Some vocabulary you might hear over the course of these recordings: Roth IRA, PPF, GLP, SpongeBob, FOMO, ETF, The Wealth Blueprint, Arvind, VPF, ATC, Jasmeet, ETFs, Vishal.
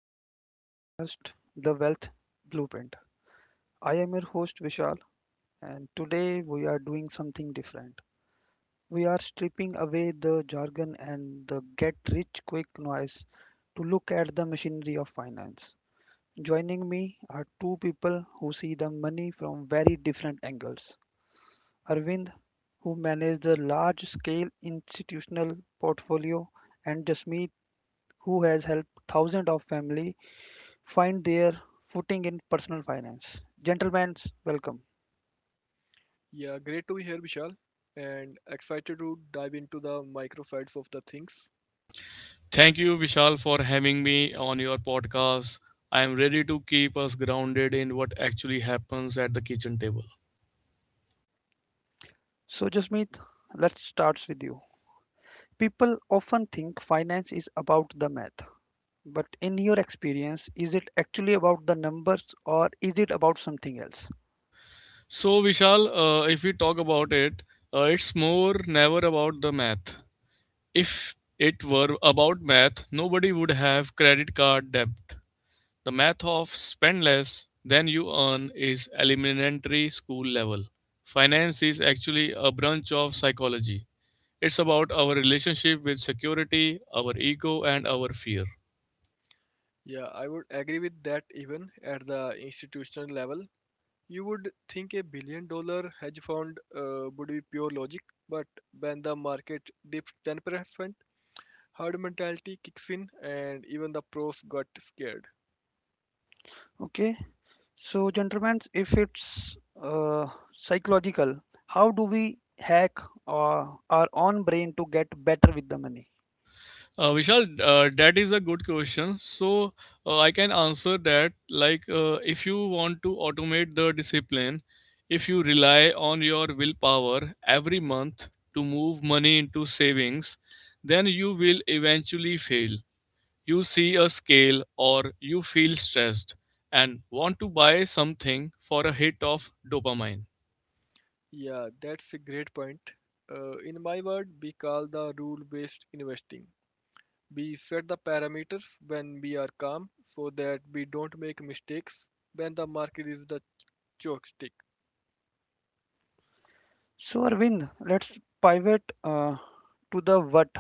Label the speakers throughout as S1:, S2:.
S1: back to our podcast, The Wealth Blueprint. I am your host Vishal, and today we are doing something different. We are stripping away the jargon and the get rich quick noise to look at the machinery of finance. Joining me are two people who see the money from very different angles: Arvind, who manages the large scale institutional portfolio, and Jasmeet, who has helped thousands of families find their footing in personal finance. Gentlemen, welcome.
S2: Yeah, great to be here, Vishal, and excited to dive into the micro sides of the things.
S3: Thank you, Vishal, for having me on your podcast. I am ready to keep us grounded in what actually happens at the kitchen table.
S1: So, Jasmeet, let's start with you. People often think finance is about the math, but in your experience, is it actually about the numbers or is it about something else?
S3: So, Vishal, if we talk about it, it's more never about the math. If it were about math, nobody would have credit card debt. The math of spend less than you earn is elementary school level. Finance is actually a branch of psychology. It's about our relationship with security, our ego, and our fear.
S2: Yeah, I would agree with that even at the institutional level. You would think a $1 billion hedge fund would be pure logic, but when the market dips 10%, herd mentality kicks in and even the pros got scared.
S1: Okay, so, gentlemen, if it's uh, psychological, how do we hack our own brain to get better with the money?
S3: Vishal, that is a good question. So I can answer that. If you want to automate the discipline, if you rely on your willpower every month to move money into savings, then you will eventually fail. You see a scale or you feel stressed and want to buy something for a hit of dopamine.
S2: Yeah, that's a great point. In my world, we call the rule based investing. We set the parameters when we are calm so that we don't make mistakes when the market is the joystick.
S1: So, Arvind, let's pivot to the what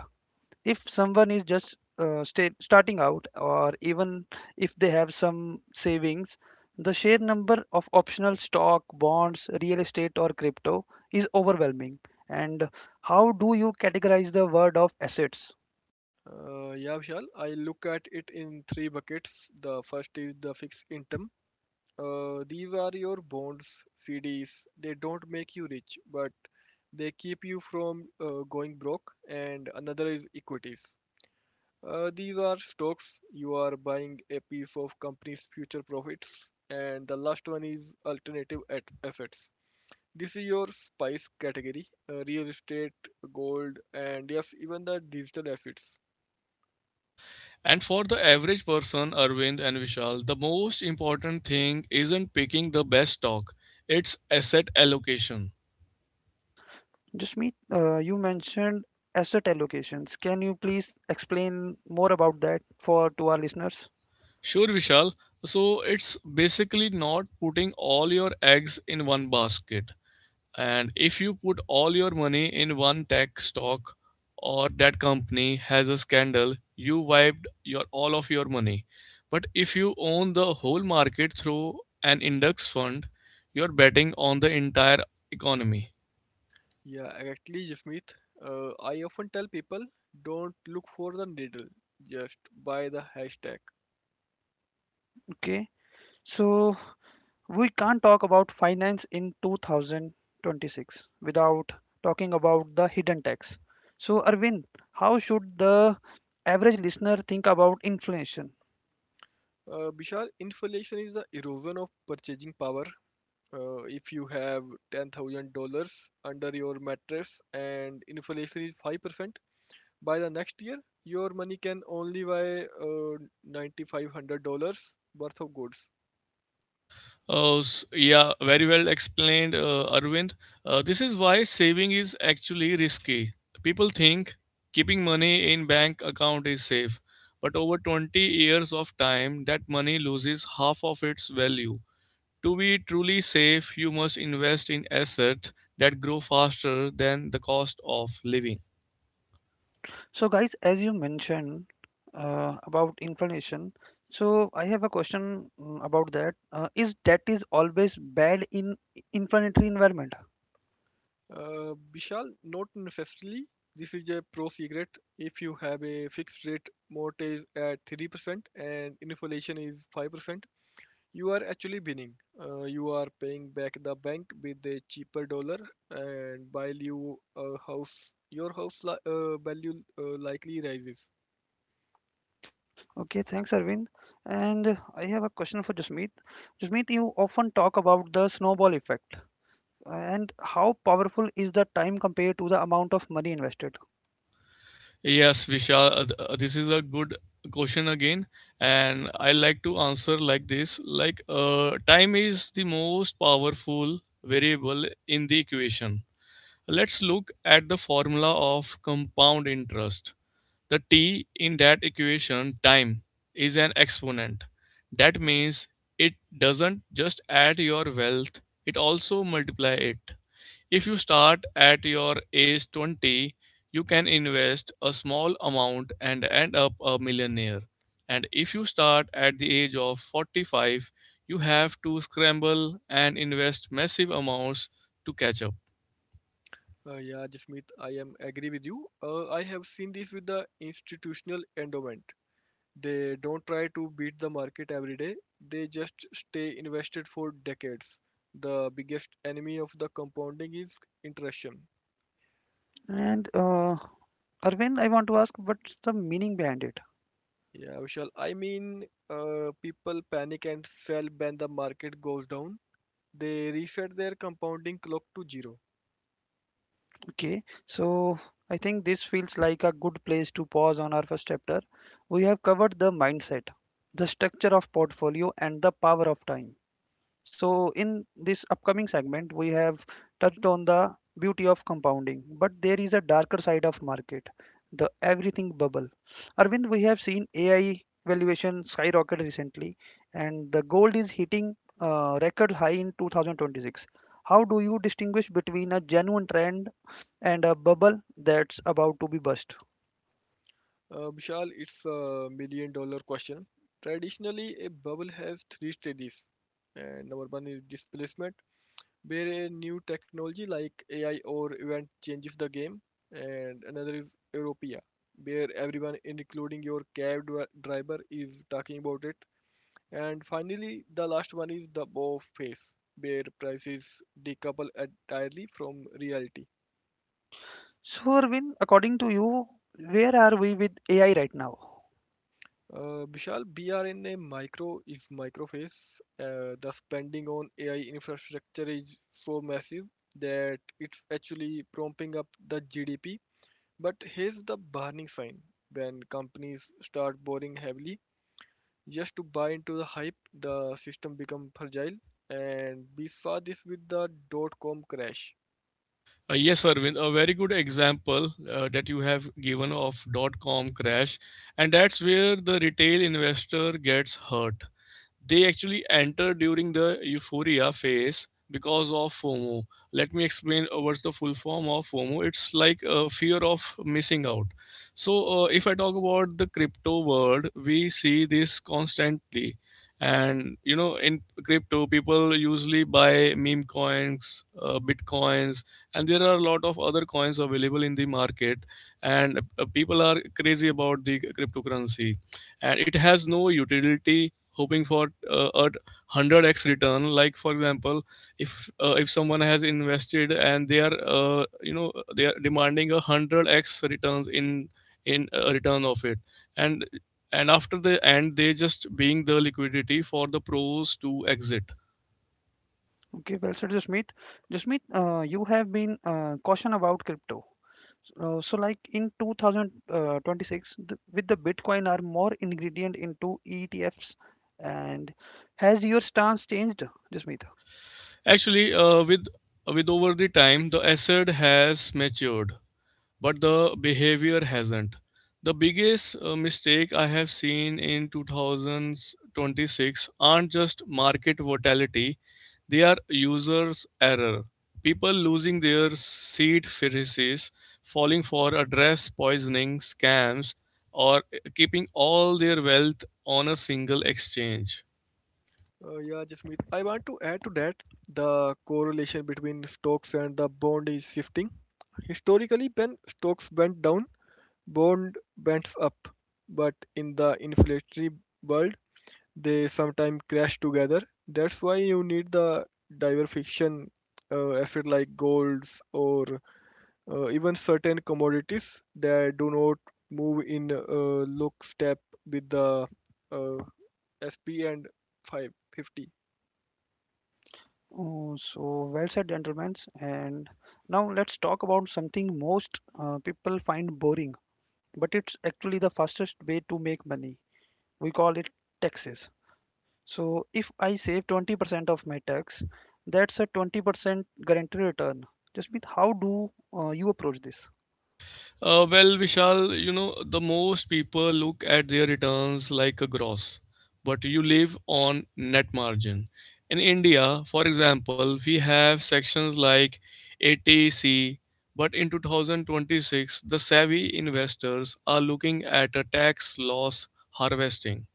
S1: if someone is just starting out, or even if they have some savings, the sheer number of optional stock, bonds, real estate or crypto is overwhelming. And how do you categorize the word of assets?
S2: Yeah, Vishal, I look at it in three buckets. The first is the fixed income. These are your bonds, CDs. They don't make you rich, but they keep you from going broke. And another is equities. These are stocks. You are buying a piece of company's future profits. And the last one is alternative assets. This is your spice category, real estate, gold, and yes, even the digital assets.
S3: And for the average person, Arvind and Vishal, the most important thing isn't picking the best stock, it's asset allocation.
S1: Just me you mentioned asset allocations. Can you please explain more about that for to our listeners?
S3: Sure, Vishal. So it's basically not putting all your eggs in one basket. And if you put all your money in one tech stock or that company has a scandal, you wiped your all of your money. But if you own the whole market through an index fund, you're betting on the entire economy.
S2: Yeah, exactly, Jasmeet. I often tell people don't look for the needle, just buy the hashtag.
S1: Okay, so we can't talk about finance in 2026 without talking about the hidden tax. So, Arvind, how should the average listener think about inflation?
S2: Bishal, inflation is the erosion of purchasing power. If you have $10,000 under your mattress and inflation is 5%, by the next year, your money can only buy $9,500 worth of goods.
S3: Yeah, very well explained, Arvind. This is why saving is actually risky. People think keeping money in bank account is safe, but over 20 years of time, that money loses half of its value. To be truly safe, you must invest in assets that grow faster than the cost of living.
S1: So, guys, as you mentioned about inflation, so I have a question about that. Is debt is always bad in inflationary environment?
S2: Vishal, note fifthly, this is a pro secret. If you have a fixed rate mortgage at 3% and inflation is 5%, you are actually winning. You are paying back the bank with a cheaper dollar, and while you house your house li- value likely rises.
S1: Okay, thanks, Arvind. And I have a question for Jasmeet. Jasmeet, you often talk about the snowball effect. And how powerful is the time compared to the amount of money invested?
S3: Yes, Vishal, this is a good question again, and I like to answer like this. Time is the most powerful variable in the equation. Let's look at the formula of compound interest. The t in that equation, time, is an exponent. That means it doesn't just add your wealth, it also multiply it. If you start at your age 20, you can invest a small amount and end up a millionaire. And if you start at the age of 45, you have to scramble and invest massive amounts to catch up.
S2: Yeah, Jasmeet, I am agree with you. I have seen this with the institutional endowment. They don't try to beat the market every day, they just stay invested for decades. The biggest enemy of the compounding is interruption.
S1: And Arvind, I want to ask, what's the meaning behind it?
S2: Yeah, Vishal. I mean, people panic and sell when the market goes down. They reset their compounding clock to zero.
S1: Okay, so I think this feels like a good place to pause on our first chapter. We have covered the mindset, the structure of portfolio, and the power of time. So, in this upcoming segment, we have touched on the beauty of compounding, but there is a darker side of market, the everything bubble. Arvind, we have seen AI valuation skyrocket recently, and the gold is hitting record high in 2026. How do you distinguish between a genuine trend and a bubble that's about to be burst?
S2: Vishal, it's a $1 million question. Traditionally, a bubble has three stages. And number one is displacement, where a new technology like AI or event changes the game, and another is Europia, where everyone, including your driver, is talking about it. And finally, the last one is the bow phase, where prices decouple entirely from reality.
S1: So, Arvind, according to you, where are we with AI right now?
S2: Vishal, BRNA micro is micro phase. The spending on AI infrastructure is so massive that it's actually prompting up the GDP. But here's the burning sign when companies start borrowing heavily just to buy into the hype, the system become fragile and we saw this with .com crash.
S3: Yes, Arvind, a very good example that you have given of dot com crash, and that's where the retail investor gets hurt. They actually enter during the euphoria phase because of FOMO. Let me explain what's the full form of FOMO. It's like a fear of missing out. So, if I talk about the crypto world, we see this constantly. And in crypto, people usually buy meme coins, bitcoins, and there are a lot of other coins available in the market. And people are crazy about the cryptocurrency, and it has no utility, hoping for a 100x return. Like, for example, if if someone has invested and they are they are demanding a 100x returns in return of it, and and after the end they just being the liquidity for the pros to exit.
S1: Okay, well said, Jasmeet. Jasmeet, you have been caution about crypto. So, like in 2026, with the Bitcoin are more ingredient into ETFs, and has your stance changed, Jasmeet?
S3: Actually, with over the time, the asset has matured, but the behavior hasn't. The biggest mistake I have seen in 2026 aren't just market volatility, they are users' error. People losing their seed phrases, falling for address poisoning, scams, or keeping all their wealth on a single exchange.
S2: Yeah, Jasmeet, I want to add to that the correlation between stocks and the bond is shifting. Historically, when stocks went down, bond went up. But in the inflationary world, they sometimes crash together. That's why you need the diversification asset like golds or even certain commodities that do not move in look step with the uh, SP and 550.
S1: Oh, so well said, gentlemen. And now let's talk about something most people find boring, but it's actually the fastest way to make money. We call it taxes. So if I save 20% of my tax, that's a 20% guaranteed return. Jasmeet, how do you approach this?
S3: Well, Vishal, you know, the most people look at their returns like a gross, but you live on net margin. In India, for example, we have sections like ATC, but in 2026, the savvy investors are looking at a tax loss harvesting.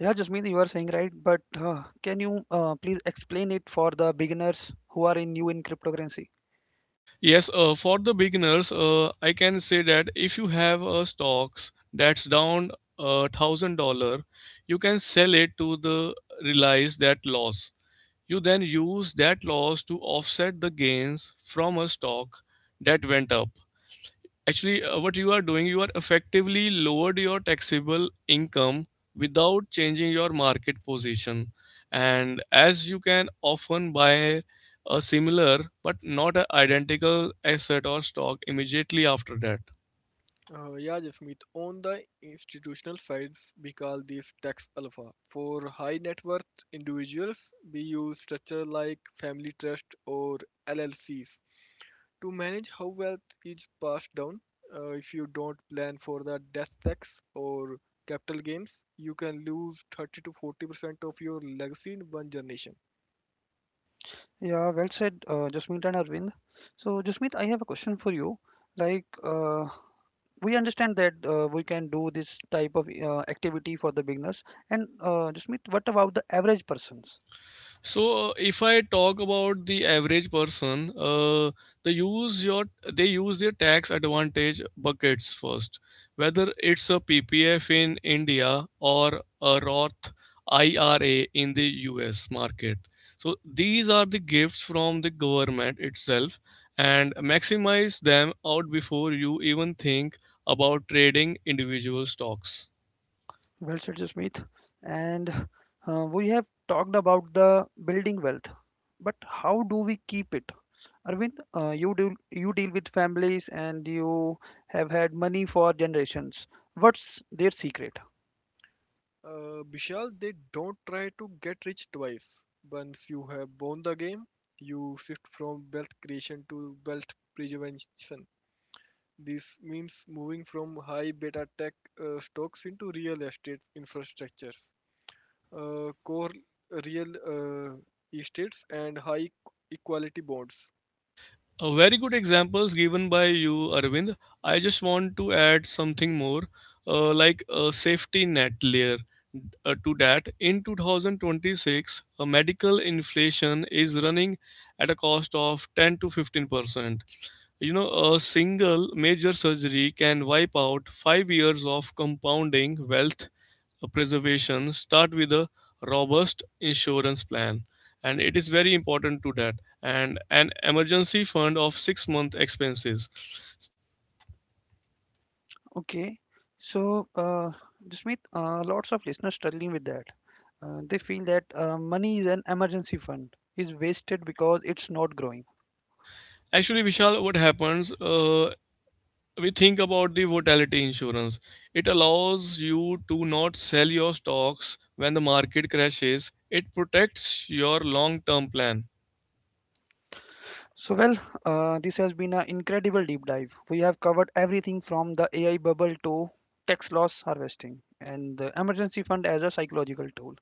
S1: Yeah, Jasmeet, you are saying right, but can you please explain it for the beginners who are in new in cryptocurrency?
S3: Yes, for the beginners, I can say that if you have a stocks that's down $1,000, you can sell it to the realize that loss. You then use that loss to offset the gains from a stock that went up. Actually, what you are doing, you are effectively lowered your taxable income without changing your market position, and as you can often buy a similar but not a identical asset or stock immediately after that.
S2: Yeah, Jasmeet, on the institutional sides, we call these tax alpha. For high net worth individuals, we use structure like family trust or LLCs. To manage how wealth is passed down, if you don't plan for the death tax or capital gains, you can lose 30 to 40% of your legacy in one generation.
S1: Yeah, well said, Jasmeet and Arvind. So, Jasmeet, I have a question for you. Like we understand that we can do this type of activity for the beginners, and Jasmeet, what about the average persons?
S3: So if I talk about the average person, they use your they use their tax advantage buckets first. Whether it's a PPF in India or a Roth IRA in the US market. So these are the gifts from the government itself and maximize them out before you even think about trading individual stocks.
S1: Well said, Jasmeet. And we have talked about the building wealth, but how do we keep it? Arvind, you do you deal with families and you have had money for generations. What's their secret?
S2: Vishal, they don't try to get rich twice. Once you have won the game, you shift from wealth creation to wealth preservation. This means moving from high beta tech stocks into real estate infrastructures, core real estates and high equality bonds.
S3: A very good examples given by you, Arvind. I just want to add something more, like a safety net layer to that. In 2026, medical inflation is running at a cost of 10 to 15%. You know, a single major surgery can wipe out 5 years of compounding wealth preservation. Start with a robust insurance plan, and it is very important to that. And an emergency fund of 6 month expenses.
S1: Okay, so Jasmeet, lots of listeners struggling with that. They feel that money is an emergency fund is wasted because it's not growing.
S3: Actually, Vishal, what happens? We think about the volatility insurance. It allows you to not sell your stocks when the market crashes. It protects your long term plan.
S1: So, well, this has been an incredible deep dive. We have covered everything from the AI bubble to tax loss harvesting and the emergency fund as a psychological tool.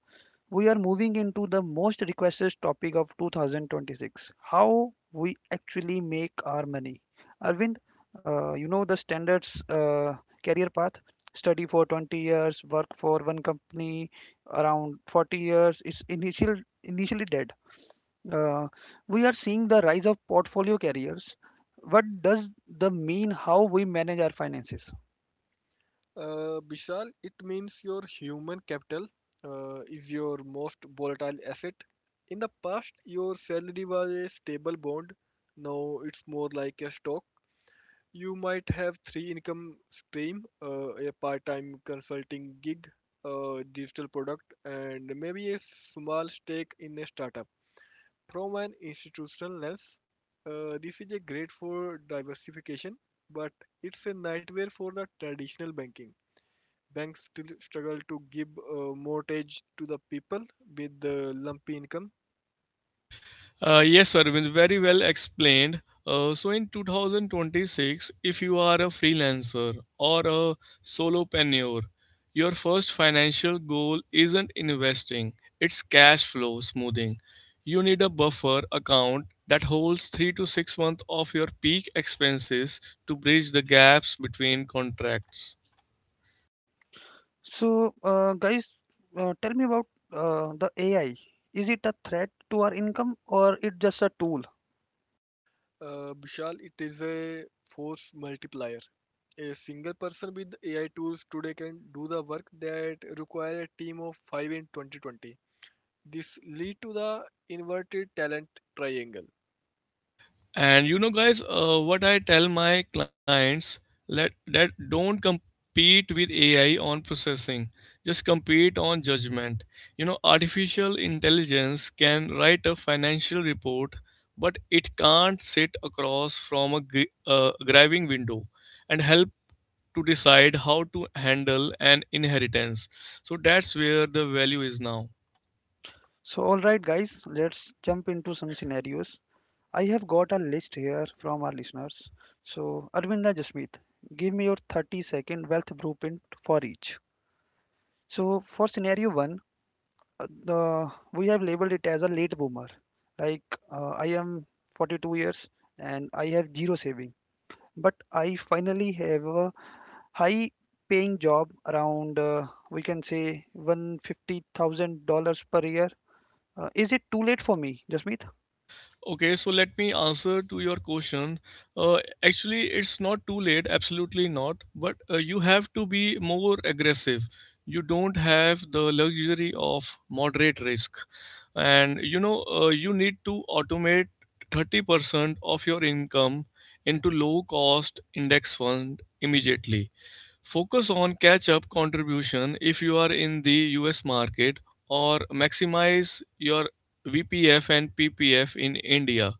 S1: We are moving into the most requested topic of 2026, how we actually make our money. Arvind, you know the standards career path, study for 20 years, work for one company around 40 years is initial, initially dead. Uh, we are seeing the rise of portfolio carriers. What does the mean how we manage our finances?
S2: Bishal, it means your human capital is your most volatile asset. In the past, your salary was a stable bond. Now it's more like a stock. You might have three income stream, a part-time consulting gig, a digital product, and maybe a small stake in a startup. From an institutional lens, this is a great for diversification, but it's a nightmare for the traditional banking. Banks still struggle to give a mortgage to the people with the lumpy income.
S3: Yes, Arvind, very well explained. So in 2026, if you are a freelancer or a solopreneur, your first financial goal isn't investing, it's cash flow smoothing. You need a buffer account that holds 3 to 6 months of your peak expenses to bridge the gaps between contracts.
S1: So, guys, tell me about the AI. Is it a threat to our income or it just a tool?
S2: Vishal, it is a force multiplier. A single person with AI tools today can do the work that require a team of 5 in 2020. This lead to the inverted talent triangle.
S3: And you know, guys, what I tell my clients, let that don't compete with AI on processing. Just compete on judgment. You know, artificial intelligence can write a financial report, but it can't sit across from a driving window and help to decide how to handle an inheritance. So that's where the value is now.
S1: So, all right, guys, let's jump into some scenarios. I have got a list here from our listeners. So, Arvinda Jasmeet, give me your 30-second wealth blueprint for each. So, for scenario one, the we have labeled it as a late boomer. Like I am 42 years and I have zero saving, but I finally have a high paying job around we can say $150,000 per year. Is it too late for me, Jasmeet?
S3: Okay, so let me answer to your question. Actually, it's not too late, absolutely not. But you have to be more aggressive. You don't have the luxury of moderate risk. And you know, you need to automate 30% of your income into low cost index fund immediately. Focus on catch up contribution if you are in the US market or maximize your VPF and PPF in India.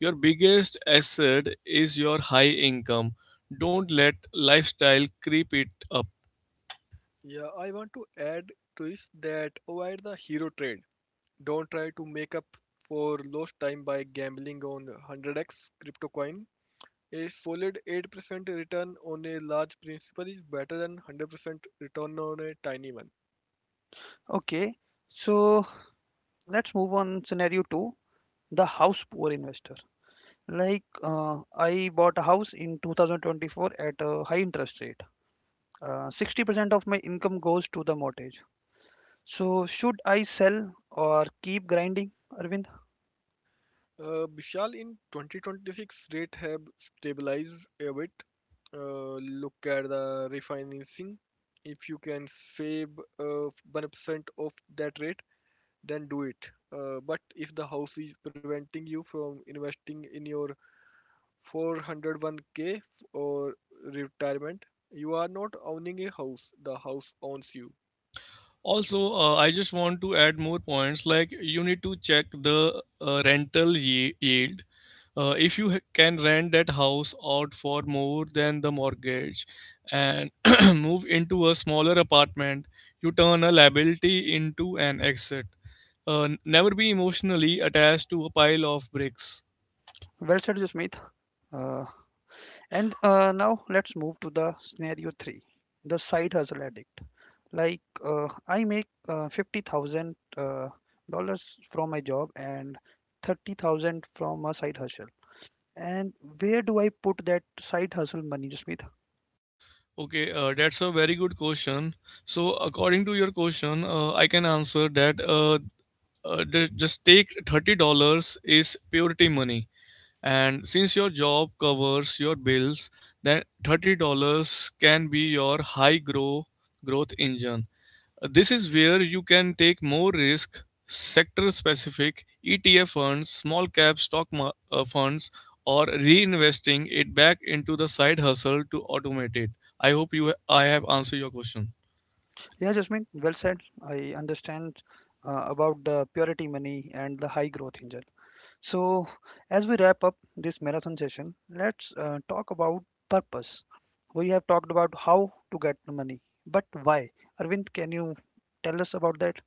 S3: Your biggest asset is your high income. Don't let lifestyle creep it up.
S2: Yeah, I want to add to this that avoid the hero trade. Don't try to make up for lost time by gambling on 100x crypto coin. A solid 8% return on a large principal is better than 100% return on a tiny one.
S1: Okay, so let's move on scenario 2, the house poor investor. Like I bought a house in 2024 at a high interest rate. 60% of my income goes to the mortgage. So, should I sell or keep grinding, Arvind?
S2: Vishal, in 2026, rate have stabilized a bit. Look at the refinancing. If you can save 1% of that rate, then do it. But if the house is preventing you from investing in your 401k or retirement, you are not owning a house, the house owns you.
S3: Also, I just want to add more points, like, you need to check the rental yield if you can rent that house out for more than the mortgage and move into a smaller apartment, you turn a liability into an asset. Never be emotionally attached to a pile of bricks.
S1: Well said, Jasmeet. Uh, and now let's move to the scenario three, the side hustle addict. Like I make 50,000 dollars from my job and 30,000 from a side hustle. And where do I put that side hustle money, Jasmeet?
S3: Okay, that's a very good question. So, according to your question, I can answer that, just take $30 is purity money. And since your job covers your bills, then $30 can be your high growth engine. This is where you can take more risk, sector specific ETF funds, small cap stock funds, or reinvesting it back into the side hustle to automate it. I hope you I have answered your question.
S1: Yeah, Jasmeet, well said. I understand about the purity money and the high growth engine. So, as we wrap up this marathon session, let's talk about purpose. We have talked about how to get the money, but why? Arvind, can you tell us about that?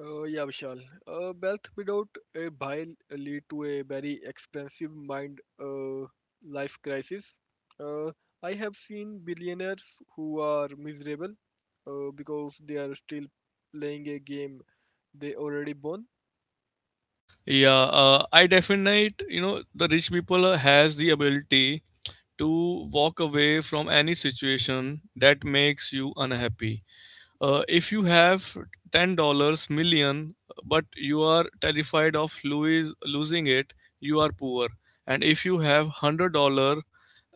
S2: Yeah, Vishal. Wealth without a buy lead to a very expensive mind life crisis. Uh, I have seen billionaires who are miserable because they are still playing a game they already won.
S3: Yeah, I definite you know the rich people has the ability to walk away from any situation that makes you unhappy. If you have $10 million, but you are terrified of Louis losing it, you are poor. And if you have $100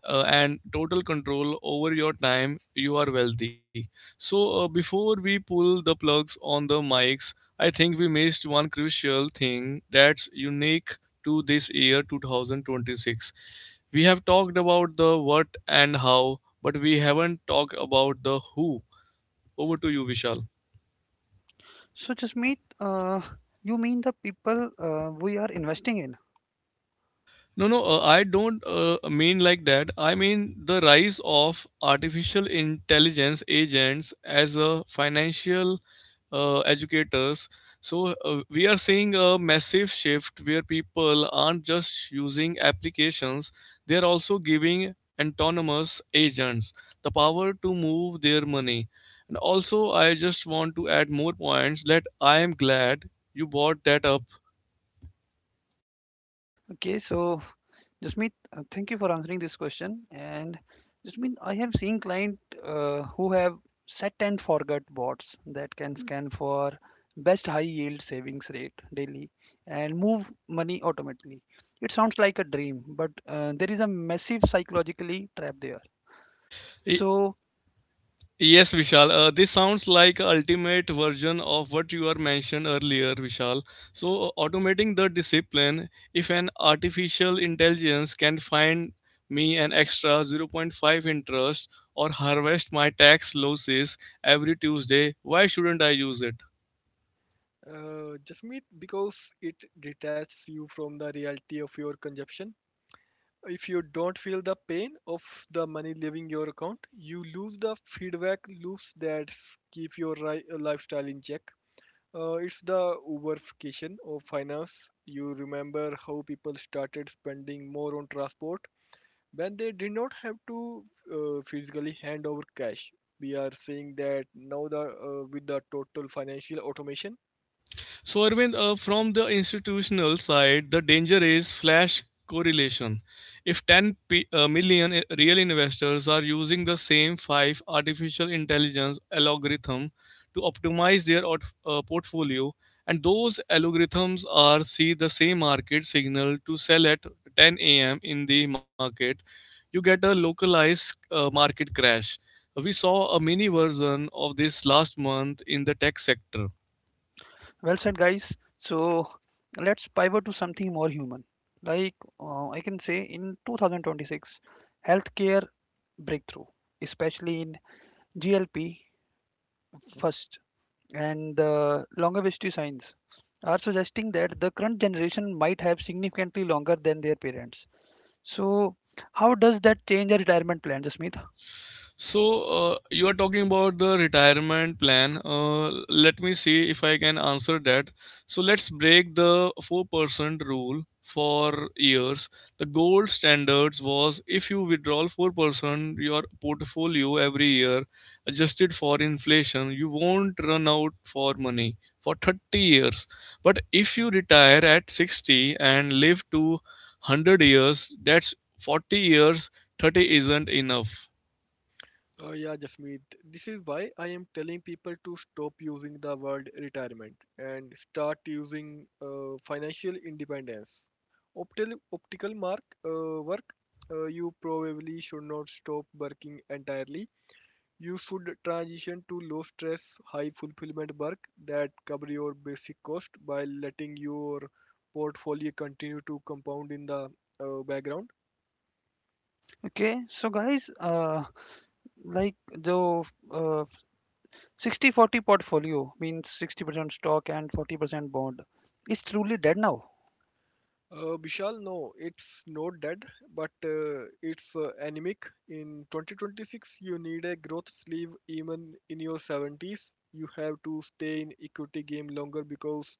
S3: and total control over your time, you are wealthy. So before we pull the plugs on the mics, I think we missed one crucial thing that's unique to this year 2026. We have talked about the what and how, but we haven't talked about the who. Over to you, Vishal.
S1: So, Jasmeet, you mean the people we are investing in?
S3: No, no, I don't mean like that. I mean the rise of artificial intelligence agents as a financial educators. So we are seeing a massive shift where people aren't just using applications; they are also giving autonomous agents the power to move their money. And also, I just want to add more points that I am glad you brought that up.
S1: Okay, so Jasmeet, thank you for answering this question. And Jasmeet, I have seen clients who have set and forget bots that can scan for best high yield savings rate daily and move money automatically. It sounds like a dream, but there is a massive psychologically trap there. So,
S3: Yes, Vishal. This sounds like a ultimate version of what you are mentioned earlier, Vishal. So, automating the discipline, if an artificial intelligence can find me an extra zero point 0.5 interest or harvest my tax losses every Tuesday, why shouldn't I use it?
S2: Jasmeet, because it detaches you from the reality of your consumption. If you don't feel the pain of the money leaving your account, you lose the feedback loops that keep your lifestyle in check. It's the Uberification of finance. You remember how people started spending more on transport when they did not have to physically hand over cash. We are seeing that now the with the total financial automation.
S3: So, Arvind, from the institutional side, the danger is flash correlation. If 10 million real investors are using the same five artificial intelligence algorithm to optimize their portfolio, and those algorithms are see the same market signal to sell at 10 a.m. in the market, you get a localized market crash. We saw a mini version of this last month in the tech sector.
S1: well said, guys. So, let's pivot to something more human. Like I can say in 2026, healthcare breakthrough, especially in GLP first, and the longevity signs are suggesting that the current generation might have significantly longer than their parents. So, how does that change a retirement plan, Jasmeet?
S3: So, you are talking about the retirement plan. Let me see if I can answer that. So, let's break the 4% rule for years. The gold standards was if you withdraw 4% your portfolio every year, adjusted for inflation, you won't run out for money for 30 years. But if you retire at 60 and live to 100 years, that's 40 years, 30 isn't enough.
S2: Yeah, Jasmeet, this is why I am telling people to stop using the word retirement and start using financial independence. Optical mark work, you probably should not stop working entirely. You should transition to low stress, high fulfillment work that cover your basic cost while letting your portfolio continue to compound in the background.
S1: Okay, so guys, like the uh, 60-40 portfolio means 60% stock and 40% bond is truly dead now.
S2: Bishal, no, it's not dead, but it's anemic. In 2026, you need a growth sleeve even in your 70s. You have to stay in equity game longer because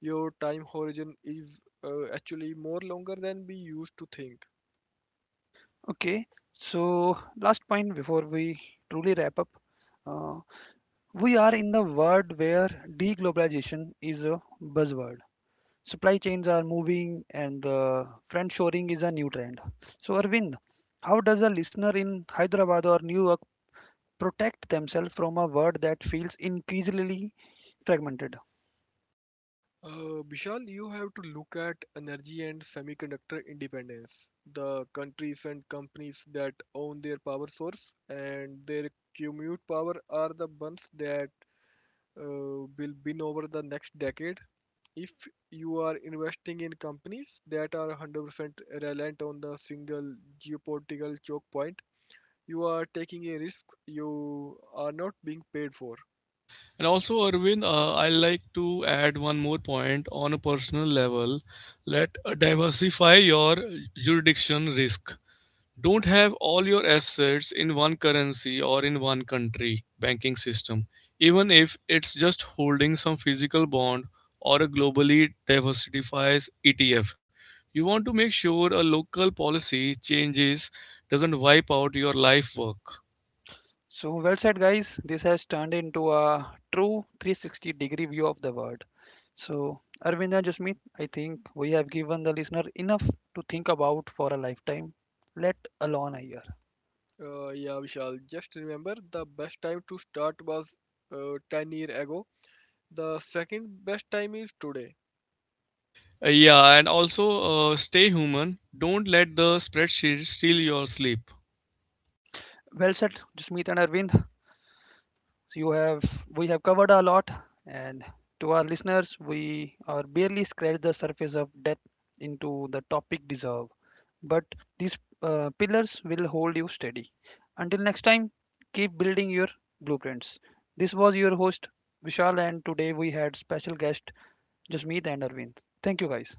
S2: your time horizon is actually more longer than we used to think.
S1: Okay, so last point before we truly wrap up. Uh, we are in the world where deglobalization is a buzzword. Supply chains are moving and the friend shoring is a new trend. So, Arvind, how does a listener in Hyderabad or New York protect themselves from a word that feels increasingly fragmented?
S2: Bishal, you have to look at energy and semiconductor independence. The countries and companies that own their power source and their commute power are the ones that uh, will win over the next decade if you are investing in companies that are 100% reliant on the single geopolitical choke point, you are taking a risk you are not being paid for.
S3: And also, Arvind, I like to add one more point on a personal level. Let diversify your jurisdiction risk. Don't have all your assets in one currency or in one country banking system, even if it's just holding some physical bond or a globally diversified ETF. You want to make sure a local policy changes doesn't wipe out your life work.
S1: So, well said, guys. This has turned into a true 360-degree view of the word. So, Arvind and Jasmeet, I think we have given the listener enough to think about for a lifetime, let alone a year.
S2: Yeah, Vishal, just remember the best time to start was 10 years ago. The second best time is today.
S3: Yeah, and also stay human. Don't let the spreadsheet steal your sleep.
S1: Well said, Jasmeet and Arvind. So you have we have covered a lot, and to our listeners, we are barely scratched the surface of depth into the topic deserve, but these pillars will hold you steady until next time. Keep building your blueprints. This was your host Vishal, and today we had special guest Jasmeet and Arvind. Thank you guys.